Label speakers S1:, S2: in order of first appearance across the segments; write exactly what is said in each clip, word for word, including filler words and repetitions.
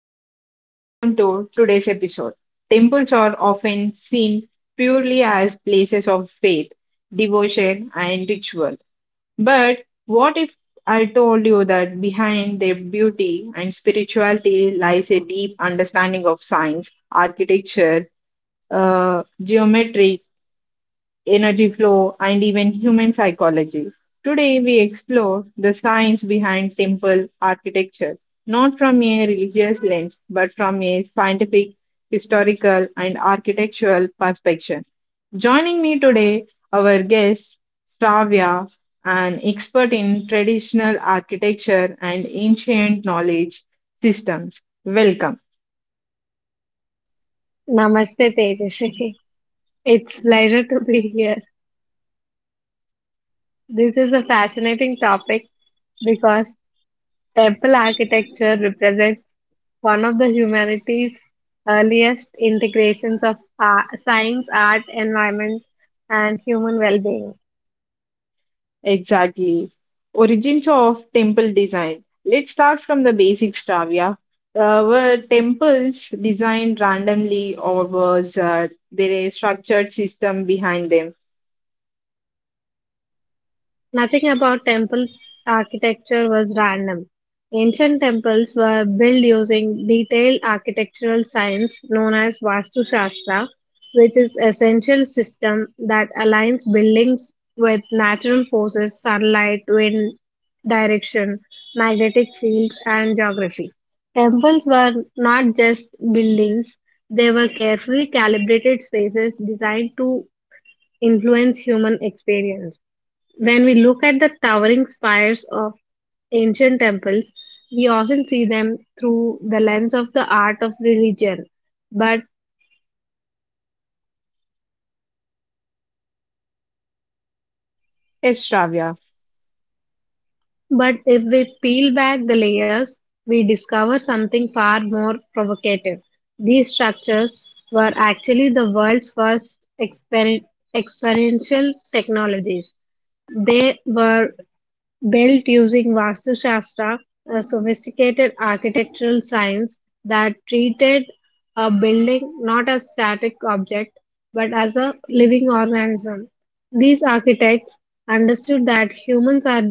S1: Namaste and welcome to today's episode. Temples are often seen purely as places of faith, devotion, and ritual. But what if I told you that behind their beauty and spirituality lies a deep understanding of science, architecture, uh, geometry, energy flow, and even human psychology. Today, we explore the science behind temple architecture, not from a religious lens, but from a scientific, historical, and architectural perspective. Joining me today, our guest, Shravya, an expert in traditional architecture and ancient knowledge systems. Welcome.
S2: Namaste, Tejasvi. It's pleasure to be here. This is a fascinating topic because temple architecture represents one of the humanity's earliest integrations of uh, science, art, environment, and human well-being.
S1: Exactly. Origins of temple design. Let's start from the basics, Travia. Uh, were temples designed randomly, or was uh, there a structured system behind them?
S2: Nothing about temple architecture was random. Ancient temples were built using detailed architectural science known as Vastu Shastra, which is essential system that aligns buildings with natural forces, sunlight, wind direction, magnetic fields and geography. Temples were not just buildings, they were carefully calibrated spaces designed to influence human experience. When we look at the towering spires of ancient temples, we often see them through the lens of the art of religion. But,
S1: Yes, Shravya.
S2: but if we peel back the layers, we discover something far more provocative. These structures were actually the world's first exper- experiential technologies. They were built using Vastu Shastra, a sophisticated architectural science that treated a building not as static object but as a living organism. These architects understood that humans are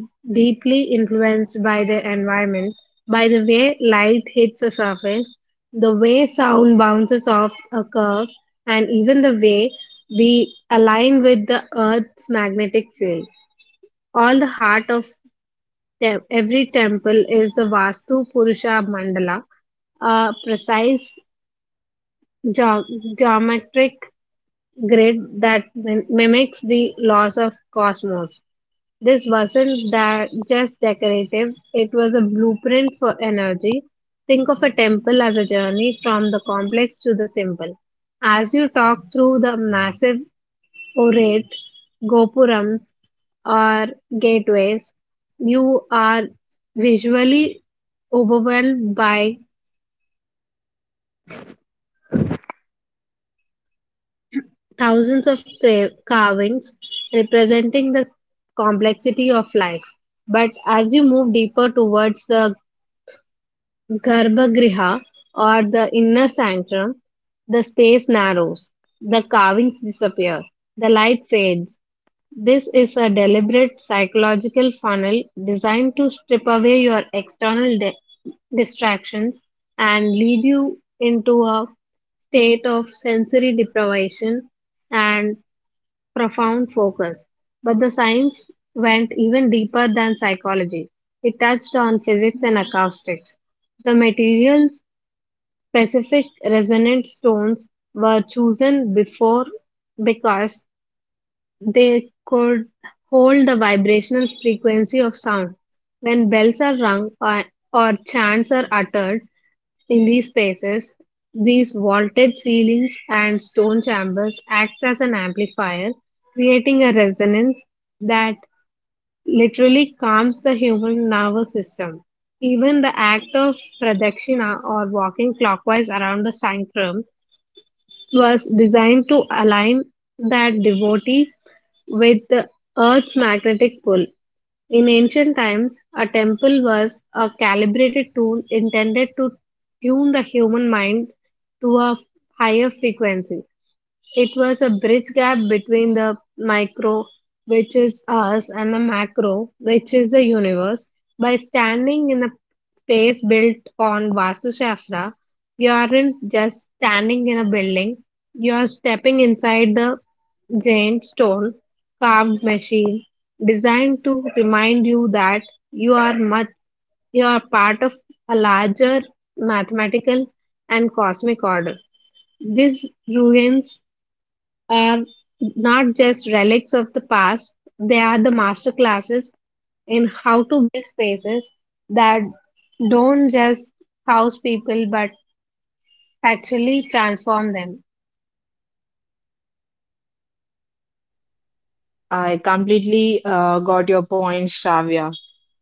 S2: deeply influenced by their environment, by the way light hits a surface, the way sound bounces off a curve, and even the way we align with the Earth's magnetic field all the heart of Te- Every temple is the Vastu Purusha mandala, a precise geo- geometric grid that mim- mimics the laws of cosmos. This wasn't that just decorative, it was a blueprint for energy. Think of a temple as a journey from the complex to the simple. As you talk through the massive or gopurams or gateways, you are visually overwhelmed by thousands of ca- carvings representing the complexity of life. But as you move deeper towards the Garbhagriha or the inner sanctum, the space narrows, the carvings disappear, the light fades. This is a deliberate psychological funnel designed to strip away your external di- distractions and lead you into a state of sensory deprivation and profound focus. But the science went even deeper than psychology. It touched on physics and acoustics. The materials specific resonant stones were chosen before because they could hold the vibrational frequency of sound. When bells are rung or, or chants are uttered, in these spaces, these vaulted ceilings and stone chambers acts as an amplifier, creating a resonance that literally calms the human nervous system. Even the act of pradakshina or walking clockwise around the sanctum was designed to align that devotee with the earth's magnetic pull, in ancient times, a temple was a calibrated tool intended to tune the human mind to a higher frequency. It was a bridge gap between the micro, which is us, and the macro, which is the universe. By standing in a space built on Vastu Shastra, you aren't just standing in a building, you are stepping inside the giant stone carved machine designed to remind you that you are much you are part of a larger mathematical and cosmic order. These ruins are not just relics of the past, they are the master classes in how to build spaces that don't just house people but actually transform them.
S1: I completely uh, got your point, Shravya.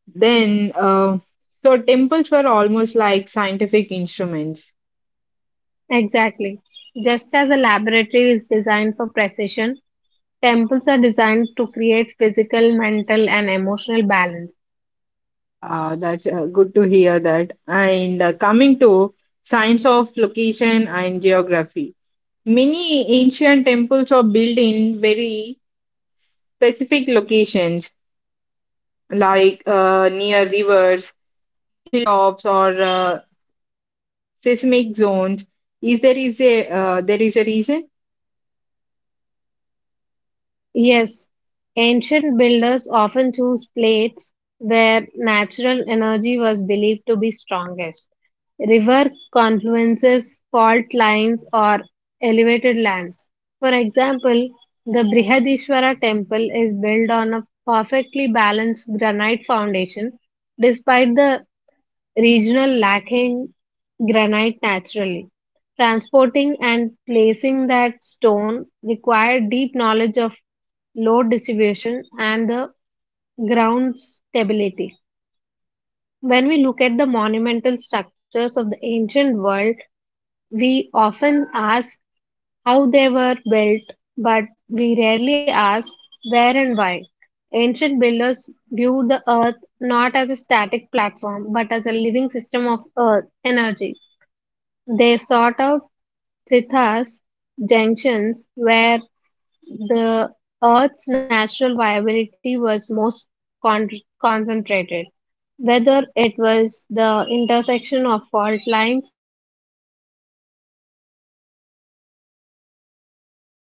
S1: Then, uh, so temples were almost like scientific instruments.
S2: Exactly. Just as a laboratory is designed for precision, temples are designed to create physical, mental, and emotional balance.
S1: Uh, that's uh, good to hear that. And uh, coming to science of location and geography. Many ancient temples are built in very specific locations, like uh, near rivers, hilltops, or uh, seismic zones. Is there is a uh, there is a reason?
S2: Yes, ancient builders often chose places where natural energy was believed to be strongest. River confluences, fault lines, or elevated land. For example, the Brihadishwara temple is built on a perfectly balanced granite foundation despite the regional lacking granite naturally. Transporting and placing that stone required deep knowledge of load distribution and the ground stability. When we look at the monumental structures of the ancient world, we often ask how they were built, but we rarely ask where and why. Ancient builders viewed the earth not as a static platform but as a living system of earth energy. They sought out Trithas junctions where the Earth's natural viability was most con- concentrated, whether it was the intersection of fault lines with generally piezoelectricity through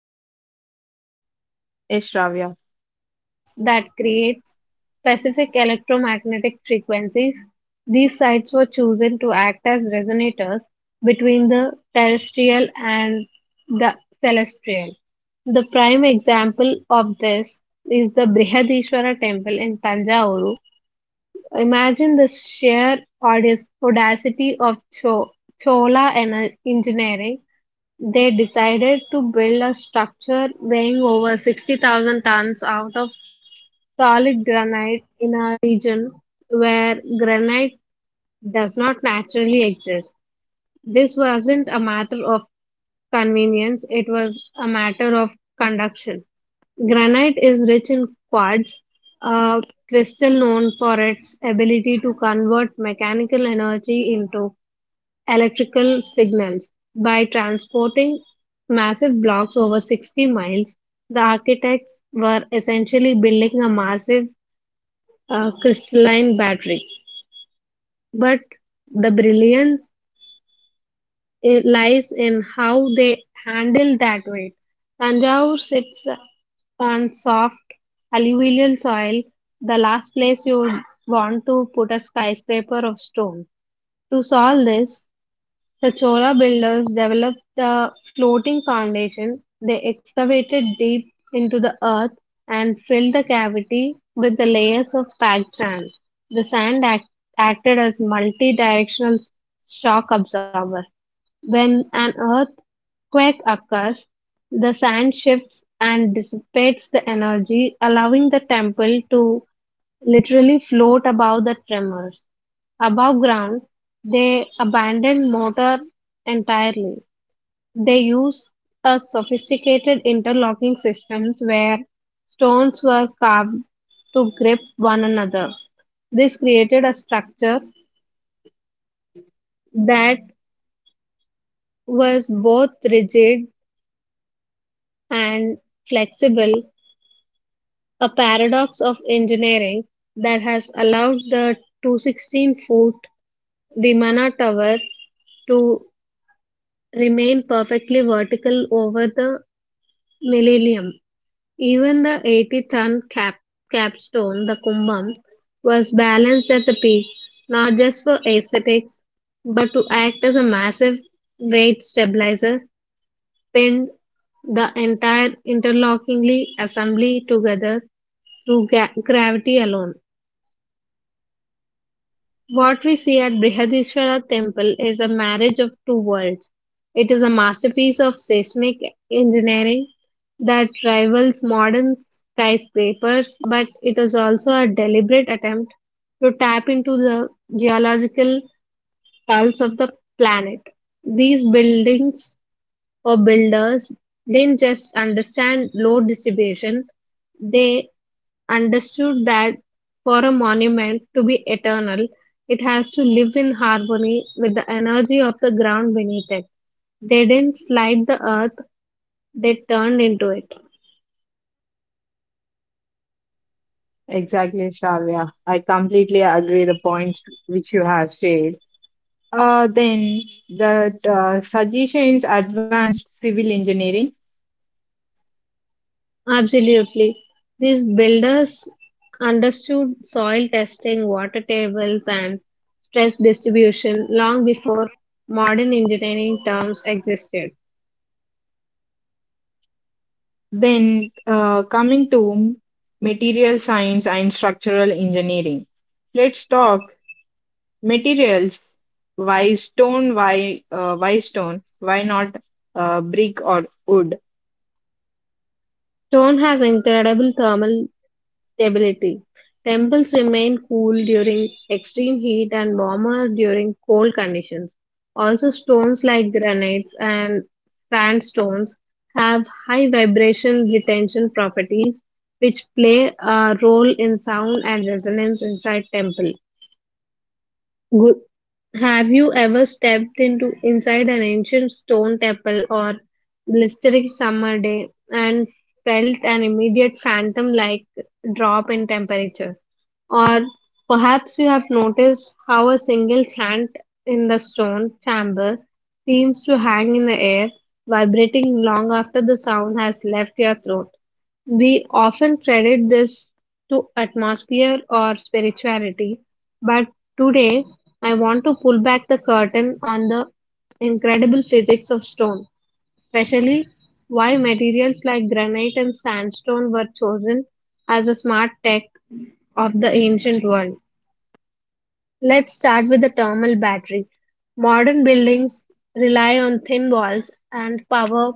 S2: pressure, or
S1: Yes,
S2: rival
S1: Shravya.
S2: confluences that creates specific electromagnetic frequencies. These sites were chosen to act as resonators between the terrestrial and the celestial. The prime example of this is the Brihadishwara temple in Tanjavur. Imagine the sheer audis- audacity of Cho- Chola ener- engineering they decided to build a structure weighing over sixty thousand tons out of solid granite in a region where granite does not naturally exist. This wasn't a matter of convenience, it was a matter of conduction. Granite is rich in quartz, a crystal known for its ability to convert mechanical energy into electrical signals. By transporting massive blocks over sixty miles, the architects were essentially building a massive uh, crystalline battery. But the brilliance i- lies in how they handled that weight. Tanjore sits on soft alluvial soil, the last place you would want to put a skyscraper of stone. To solve this, the Chola builders developed the floating foundation. They excavated deep into the earth and filled the cavity with the layers of packed sand. The sand act- acted as multi-directional shock absorber. When an earthquake occurs, the sand shifts and dissipates the energy, allowing the temple to literally float above the tremors. Above ground, they abandoned mortar entirely. They used a sophisticated interlocking systems where stones were carved to grip one another. This created a structure that was both rigid and flexible, a paradox of engineering that has allowed the two hundred sixteen-foot Vimana tower to remain perfectly vertical over the millennium. Even the eighty-ton cap- capstone, the Kumbham, was balanced at the peak, not just for aesthetics, but to act as a massive weight stabilizer, pinned the entire interlockingly assembly together through ga- gravity alone. What we see at Brihadishwara temple is a marriage of two worlds. It is a masterpiece of seismic engineering that rivals modern skyscrapers, but it is also a deliberate attempt to tap into the geological pulse of the planet. These buildings or builders didn't just understand load distribution, they understood that for a monument to be eternal, it has to live in harmony with the energy of the ground beneath it. They didn't slight the earth, they turned into it.
S1: Exactly, Shravya. I completely agree the points which you have said. Uh, then, that uh, suggestions advanced civil engineering.
S2: Absolutely. These builders understood soil testing, water tables, and stress distribution long before modern engineering terms existed.
S1: Then uh, coming to material science and structural engineering. Let's talk materials, why stone, why, uh, why stone, why not uh, brick or wood?
S2: Stone has incredible thermal stability. Temples remain cool during extreme heat and warmer during cold conditions. Also, stones like granites and sandstones have high vibration retention properties, which play a role in sound and resonance inside temple. Have you ever stepped into inside an ancient stone temple or blistering summer day and felt an immediate phantom-like drop in temperature? Or perhaps you have noticed how a single chant in the stone chamber seems to hang in the air, vibrating long after the sound has left your throat. We often credit this to atmosphere or spirituality, but today I want to pull back the curtain on the incredible physics of stone, especially why materials like granite and sandstone were chosen as a smart tech of the ancient world. Let's start with the thermal battery. Modern buildings rely on thin walls and power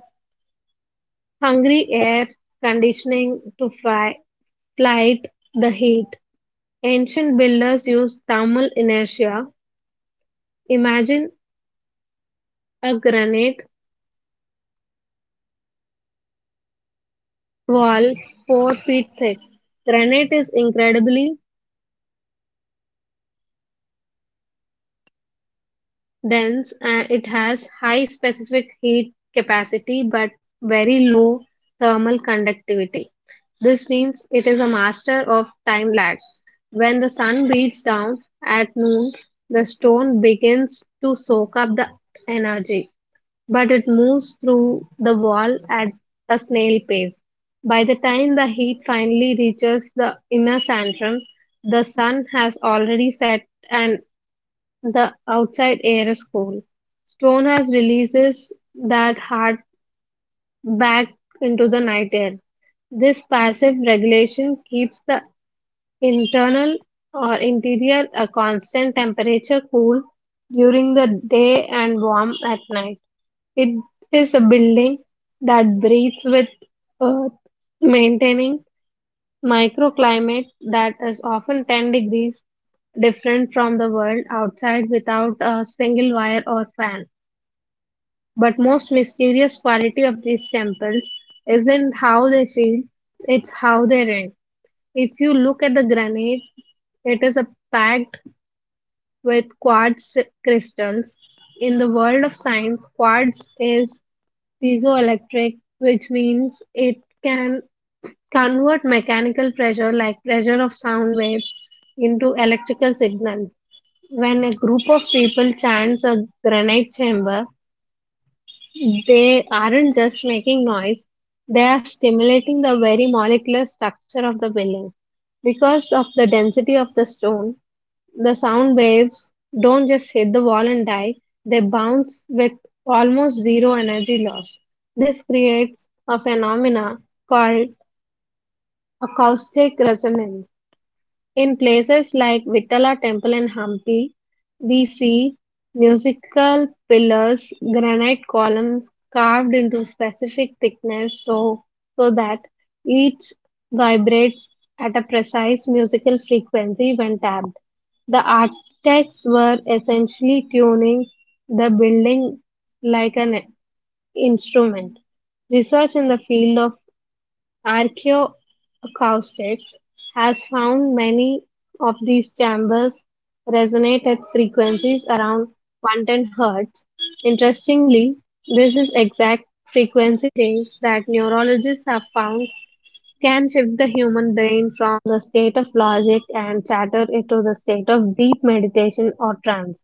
S2: hungry air conditioning to fry flight, the heat. Ancient builders used thermal inertia. Imagine a granite wall four feet thick. Granite is incredibly dense and it has high specific heat capacity but very low thermal conductivity. This means it is a master of time lag. When the sun beats down at noon, the stone begins to soak up the energy. But it moves through the wall at a snail pace. By the time the heat finally reaches the inner sanctum, the sun has already set and the outside air is cool. Stone has releases that heart back into the night air. This passive regulation keeps the internal or interior a constant temperature cool during the day and warm at night. It is a building that breathes with earth, maintaining microclimate that is often ten degrees different from the world outside without a single wire or fan. But most mysterious quality of these temples isn't how they feel, it's how they rent. If you look at the granite, it is a packed with quartz crystals. In the world of science, quartz is piezoelectric, which means it can convert mechanical pressure, like pressure of sound waves, into electrical signals. When a group of people chants a granite chamber, they aren't just making noise, they are stimulating the very molecular structure of the building. Because of the density of the stone, the sound waves don't just hit the wall and die, they bounce with almost zero energy loss. This creates a phenomena called acoustic resonance. In places like Vittala Temple in Hampi, we see musical pillars, granite columns carved into specific thickness so, so that each vibrates at a precise musical frequency when tapped. The architects were essentially tuning the building like an instrument. Research in the field of Archaeoacoustics has found many of these chambers resonate at frequencies around one ten hertz. Interestingly, this is exact frequency range that neurologists have found can shift the human brain from the state of logic and chatter into the state of deep meditation or trance.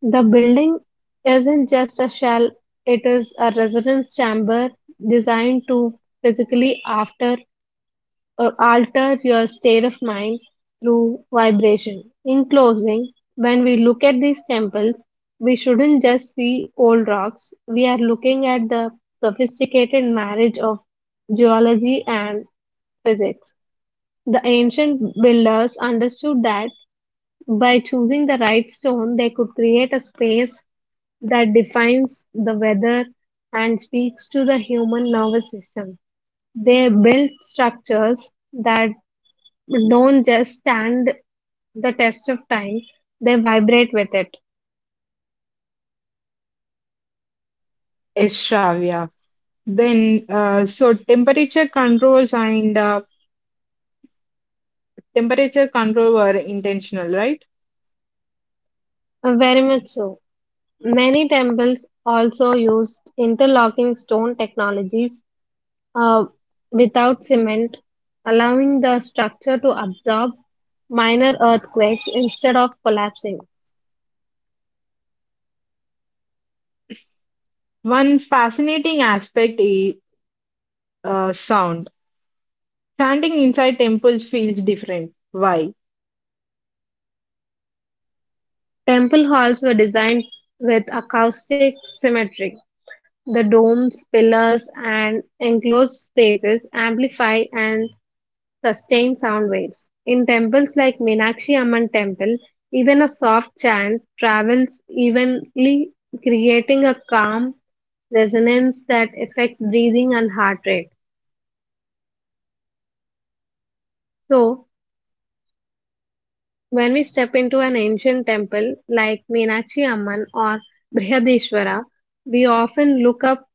S2: The building isn't just a shell, it is a resonance chamber designed to physically after or alter your state of mind through vibration. In closing, when we look at these temples, we shouldn't just see old rocks. We are looking at the sophisticated marriage of geology and physics. The ancient builders understood that by choosing the right stone, they could create a space that defines the weather and speaks to the human nervous system. They built structures that don't just stand the test of time, they vibrate with it.
S1: Yes, Shravya. Then, uh, so temperature controls and uh, temperature control were intentional, right?
S2: Very much so. Many temples also used interlocking stone technologies uh, without cement, allowing the structure to absorb minor earthquakes instead of collapsing.
S1: One fascinating aspect is uh, sound. Standing inside temples feels different. Why?
S2: Temple halls were designed with acoustic symmetry. The domes, pillars, and enclosed spaces amplify and sustained sound waves. In temples like Meenakshi Amman temple, even a soft chant travels evenly, creating a calm resonance that affects breathing and heart rate. So, when we step into an ancient temple like Meenakshi Amman or Brihadeshwara, we often look up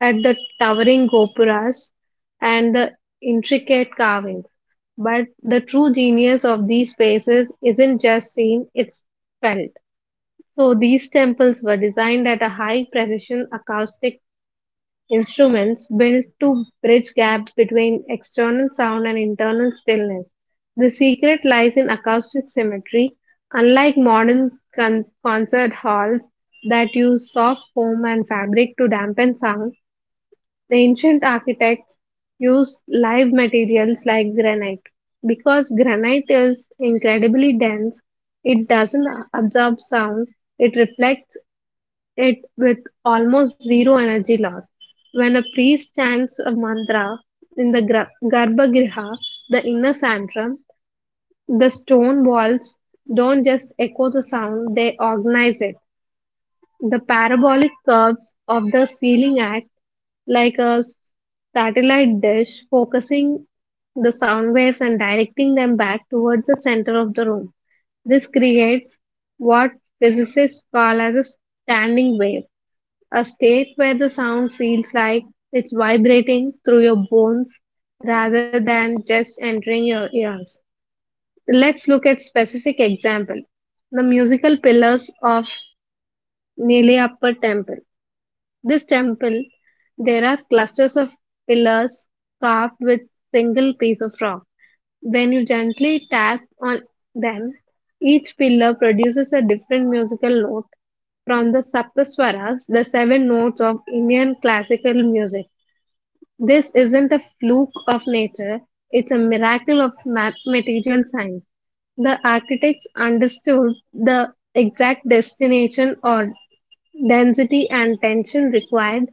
S2: at the towering gopuras and the intricate carvings. But the true genius of these spaces isn't just seen, it's felt. So these temples were designed at a high precision acoustic instruments built to bridge gap between external sound and internal stillness. The secret lies in acoustic symmetry. Unlike modern con- concert halls that use soft foam and fabric to dampen sound, the ancient architects used live materials like granite. Because granite is incredibly dense, it doesn't absorb sound, it reflects it with almost zero energy loss. When a priest chants a mantra in the gra- Garbhagriha, the inner sanctum, the stone walls don't just echo the sound, they organize it. The parabolic curves of the ceiling act like a satellite dish, focusing the sound waves and directing them back towards the center of the room. This creates what physicists call as a standing wave, a state where the sound feels like it's vibrating through your bones rather than just entering your ears. Let's look at specific example. The musical pillars of Nile Upper Temple. This temple, there are clusters of pillars carved with single piece of rock. When you gently tap on them, each pillar produces a different musical note from the Saptaswaras, the seven notes of Indian classical music. This isn't a fluke of nature, it's a miracle of ma- material science. The architects understood the exact destination or density and tension required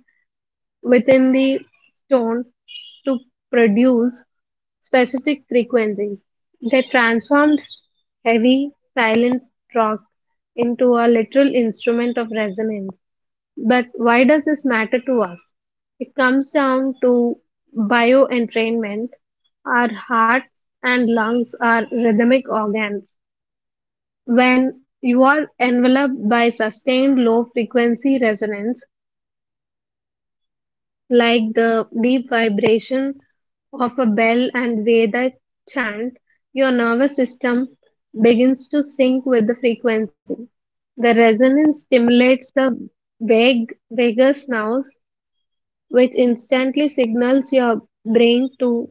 S2: within the stone to produce specific frequencies. They transformed heavy, silent rock into a literal instrument of resonance. But why does this matter to us? It comes down to bioentrainment. Our hearts and lungs are rhythmic organs. When you are enveloped by sustained low frequency resonance, like the deep vibration of a bell and Vedic chant, your nervous system begins to sync with the frequency. The resonance stimulates the vague, vagus nerves, which instantly signals your brain to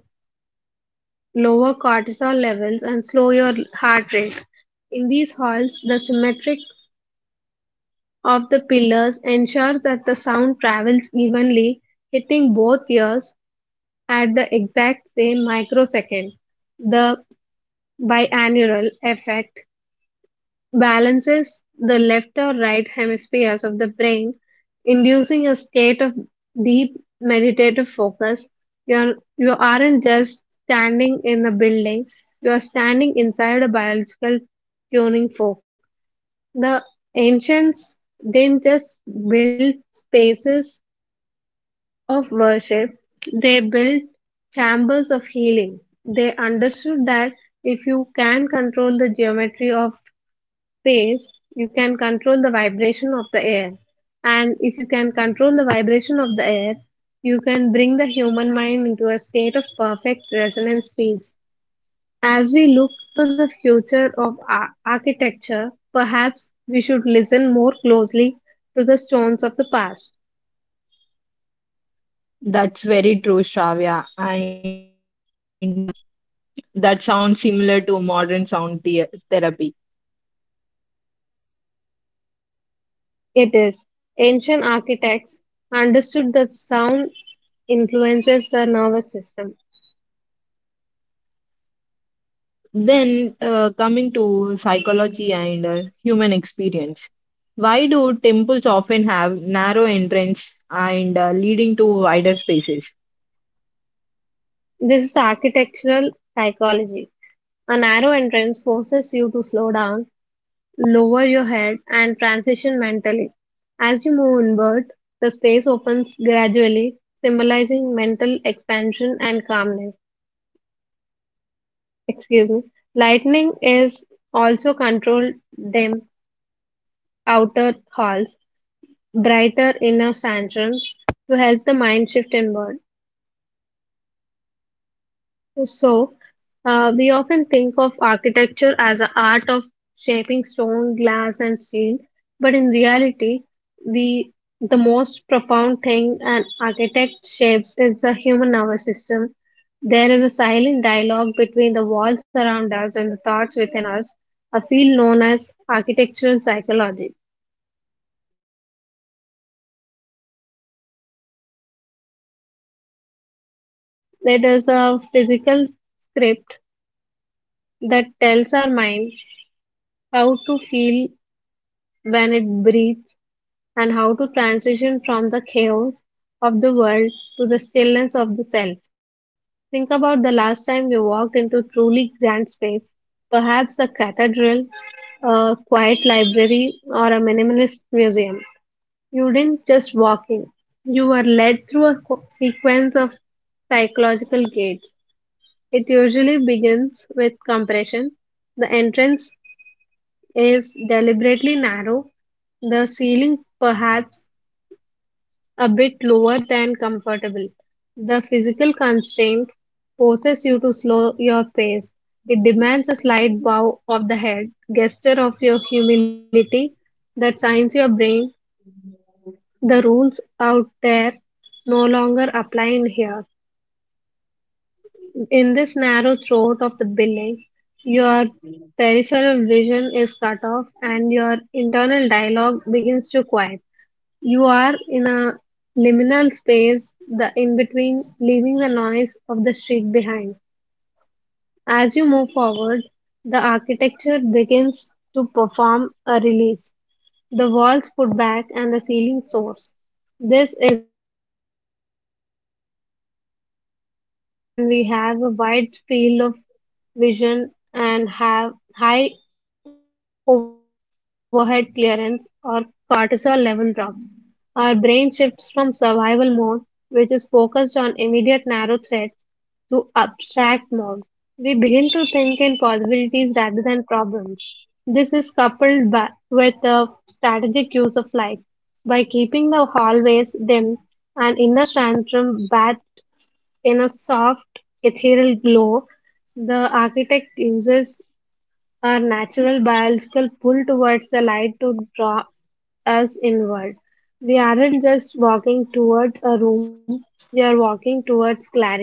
S2: lower cortisol levels and slow your heart rate. In these halls, the symmetric of the pillars ensures that the sound travels evenly, hitting both ears at the exact same microsecond. The biannual effect balances the left or right hemispheres of the brain, inducing a state of deep meditative focus. You're, you aren't just standing in a building, you are standing inside a biological tuning fork. The ancients didn't just build spaces, of worship, they built chambers of healing. They understood that if you can control the geometry of space, you can control the vibration of the air. And if you can control the vibration of the air, you can bring the human mind into a state of perfect resonance peace. As we look to the future of ar- architecture, perhaps we should listen more closely to the stones of the past.
S1: That's very true, Shravya. And uh, that sounds similar to modern sound the- therapy.
S2: It is. Ancient architects understood that sound influences the nervous system.
S1: Then, uh, coming to psychology and uh, human experience, why do temples often have narrow entrance and uh, leading to wider spaces?
S2: This is architectural psychology. A narrow entrance forces you to slow down, lower your head, and transition mentally. As you move inward, the space opens gradually, symbolizing mental expansion and calmness. Excuse me. Lightning is also controlled dim outer halls brighter inner sanctums to help the mind shift inward. So, uh, we often think of architecture as an art of shaping stone, glass, and steel, but in reality, we the most profound thing an architect shapes is the human nervous system. There is a silent dialogue between the walls around us and the thoughts within us, a field known as architectural psychology. It suggests that a building isn't just a container for our lives, it is a physical script that tells our mind how to feel when it breathes and how to transition from the chaos of the world to the stillness of the self. Think about the last time you walked into truly grand space, perhaps a cathedral, a quiet library, or a minimalist museum. You didn't just walk in, you were led through a co- sequence of psychological gates. It usually begins with compression. The entrance is deliberately narrow, the ceiling perhaps a bit lower than comfortable. The physical constraint forces you to slow your pace. It demands a slight bow of the head, gesture of your humility that signs your brain. The rules out there no longer apply in here. In this narrow throat of the building, your peripheral vision is cut off and your internal dialogue begins to quiet. You are in a liminal space, the in between, leaving the noise of the street behind. As you move forward, the architecture begins to perform a release. The walls put back and the ceiling soars. This is an expansion effort evolutionary when we have a wide field of vision and have high overhead clearance or cortisol level drops. Our brain shifts from survival mode, which is focused on immediate narrow threats, to abstract mode. We begin to think in possibilities rather than problems. This is coupled ba- with the strategic use of light. By keeping the hallways dim and inner sanctum bathed in a soft, ethereal glow, the architect uses our natural biological pull towards the light to draw us inward. We aren't just walking towards a room, we are walking towards clarity.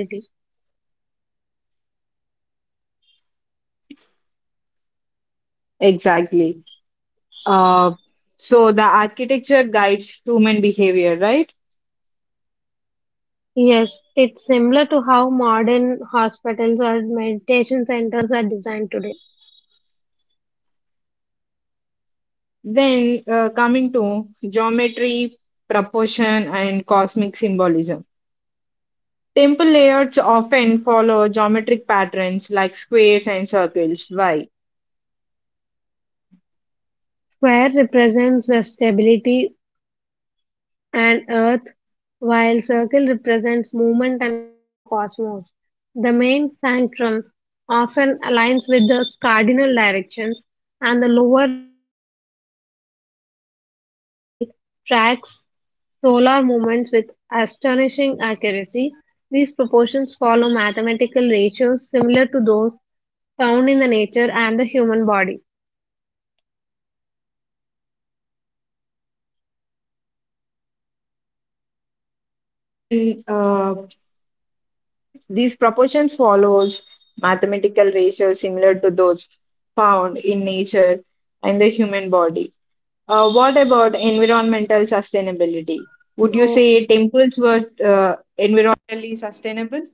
S1: Exactly. Uh, So, the architecture guides human behavior, right?
S2: Yes, it's similar to how modern hospitals or meditation centers are designed today.
S1: Then, uh, coming to geometry, proportion, and cosmic symbolism. Temple layouts often follow geometric patterns like squares and circles. Why?
S2: Square represents the stability and earth, while circle represents movement and cosmos. The main sanctum often aligns with the cardinal directions, and the lower, like Konark in Sun Temple, tracks solar movements with astonishing accuracy. These proportions follow mathematical ratios similar to those found in the nature and the human body.
S1: Then, uh, these proportions follows mathematical ratios similar to those found in nature and the human body. Uh, what about environmental sustainability? Would you
S2: So,
S1: say temples were uh, environmentally sustainable?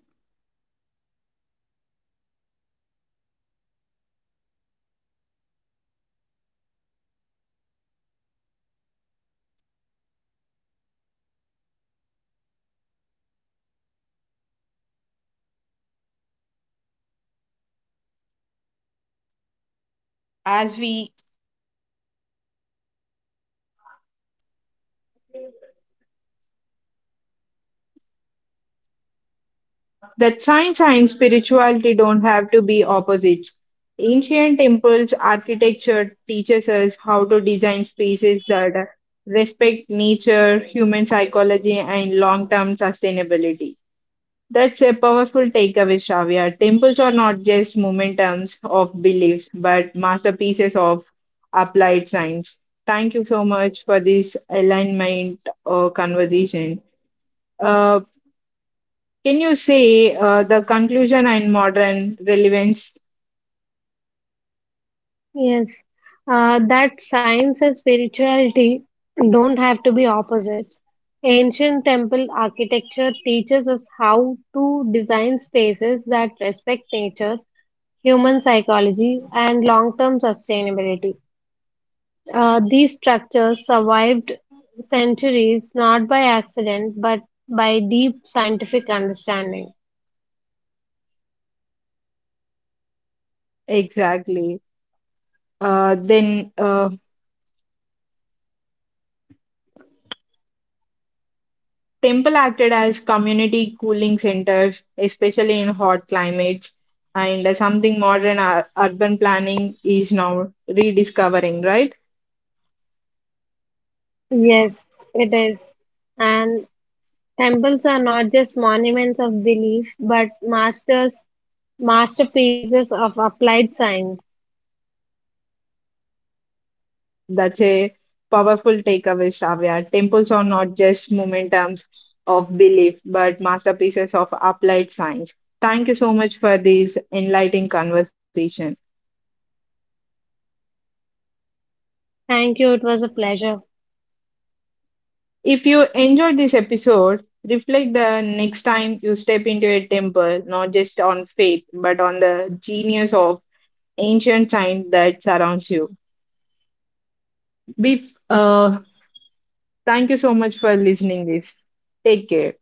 S1: As we that science and spirituality don't have to be opposites. Ancient temples architecture teaches us how to design spaces that respect nature, human psychology, and long-term sustainability. That's a powerful takeaway, Shravya. Temples are not just momentums of beliefs, but masterpieces of applied science. Thank you so much for this alignment uh, conversation. Uh, can you say uh, the conclusion and modern relevance
S2: yes, uh, that science and spirituality don't have to be opposites. Ancient temple architecture teaches us how to design spaces that respect nature, human psychology, and long term sustainability. Uh, these structures survived centuries not by accident but by deep scientific understanding.
S1: exactly? Uh, then, uh, temple acted as community cooling centers, especially in hot climates, and uh, something modern ur- urban planning is now rediscovering, right?
S2: Yes, it is. And temples are not just monuments of belief, but masters, masterpieces of applied science.
S1: That's a powerful takeaway, Shravya. Temples are not just momentums of belief, but masterpieces of applied science. Thank you so much for this enlightening conversation.
S2: Thank you. It was a pleasure.
S1: If you enjoyed this episode, reflect the next time you step into a temple, not just on faith, but on the genius of ancient science that surrounds you. Be, uh, thank you so much for listening this. Take care.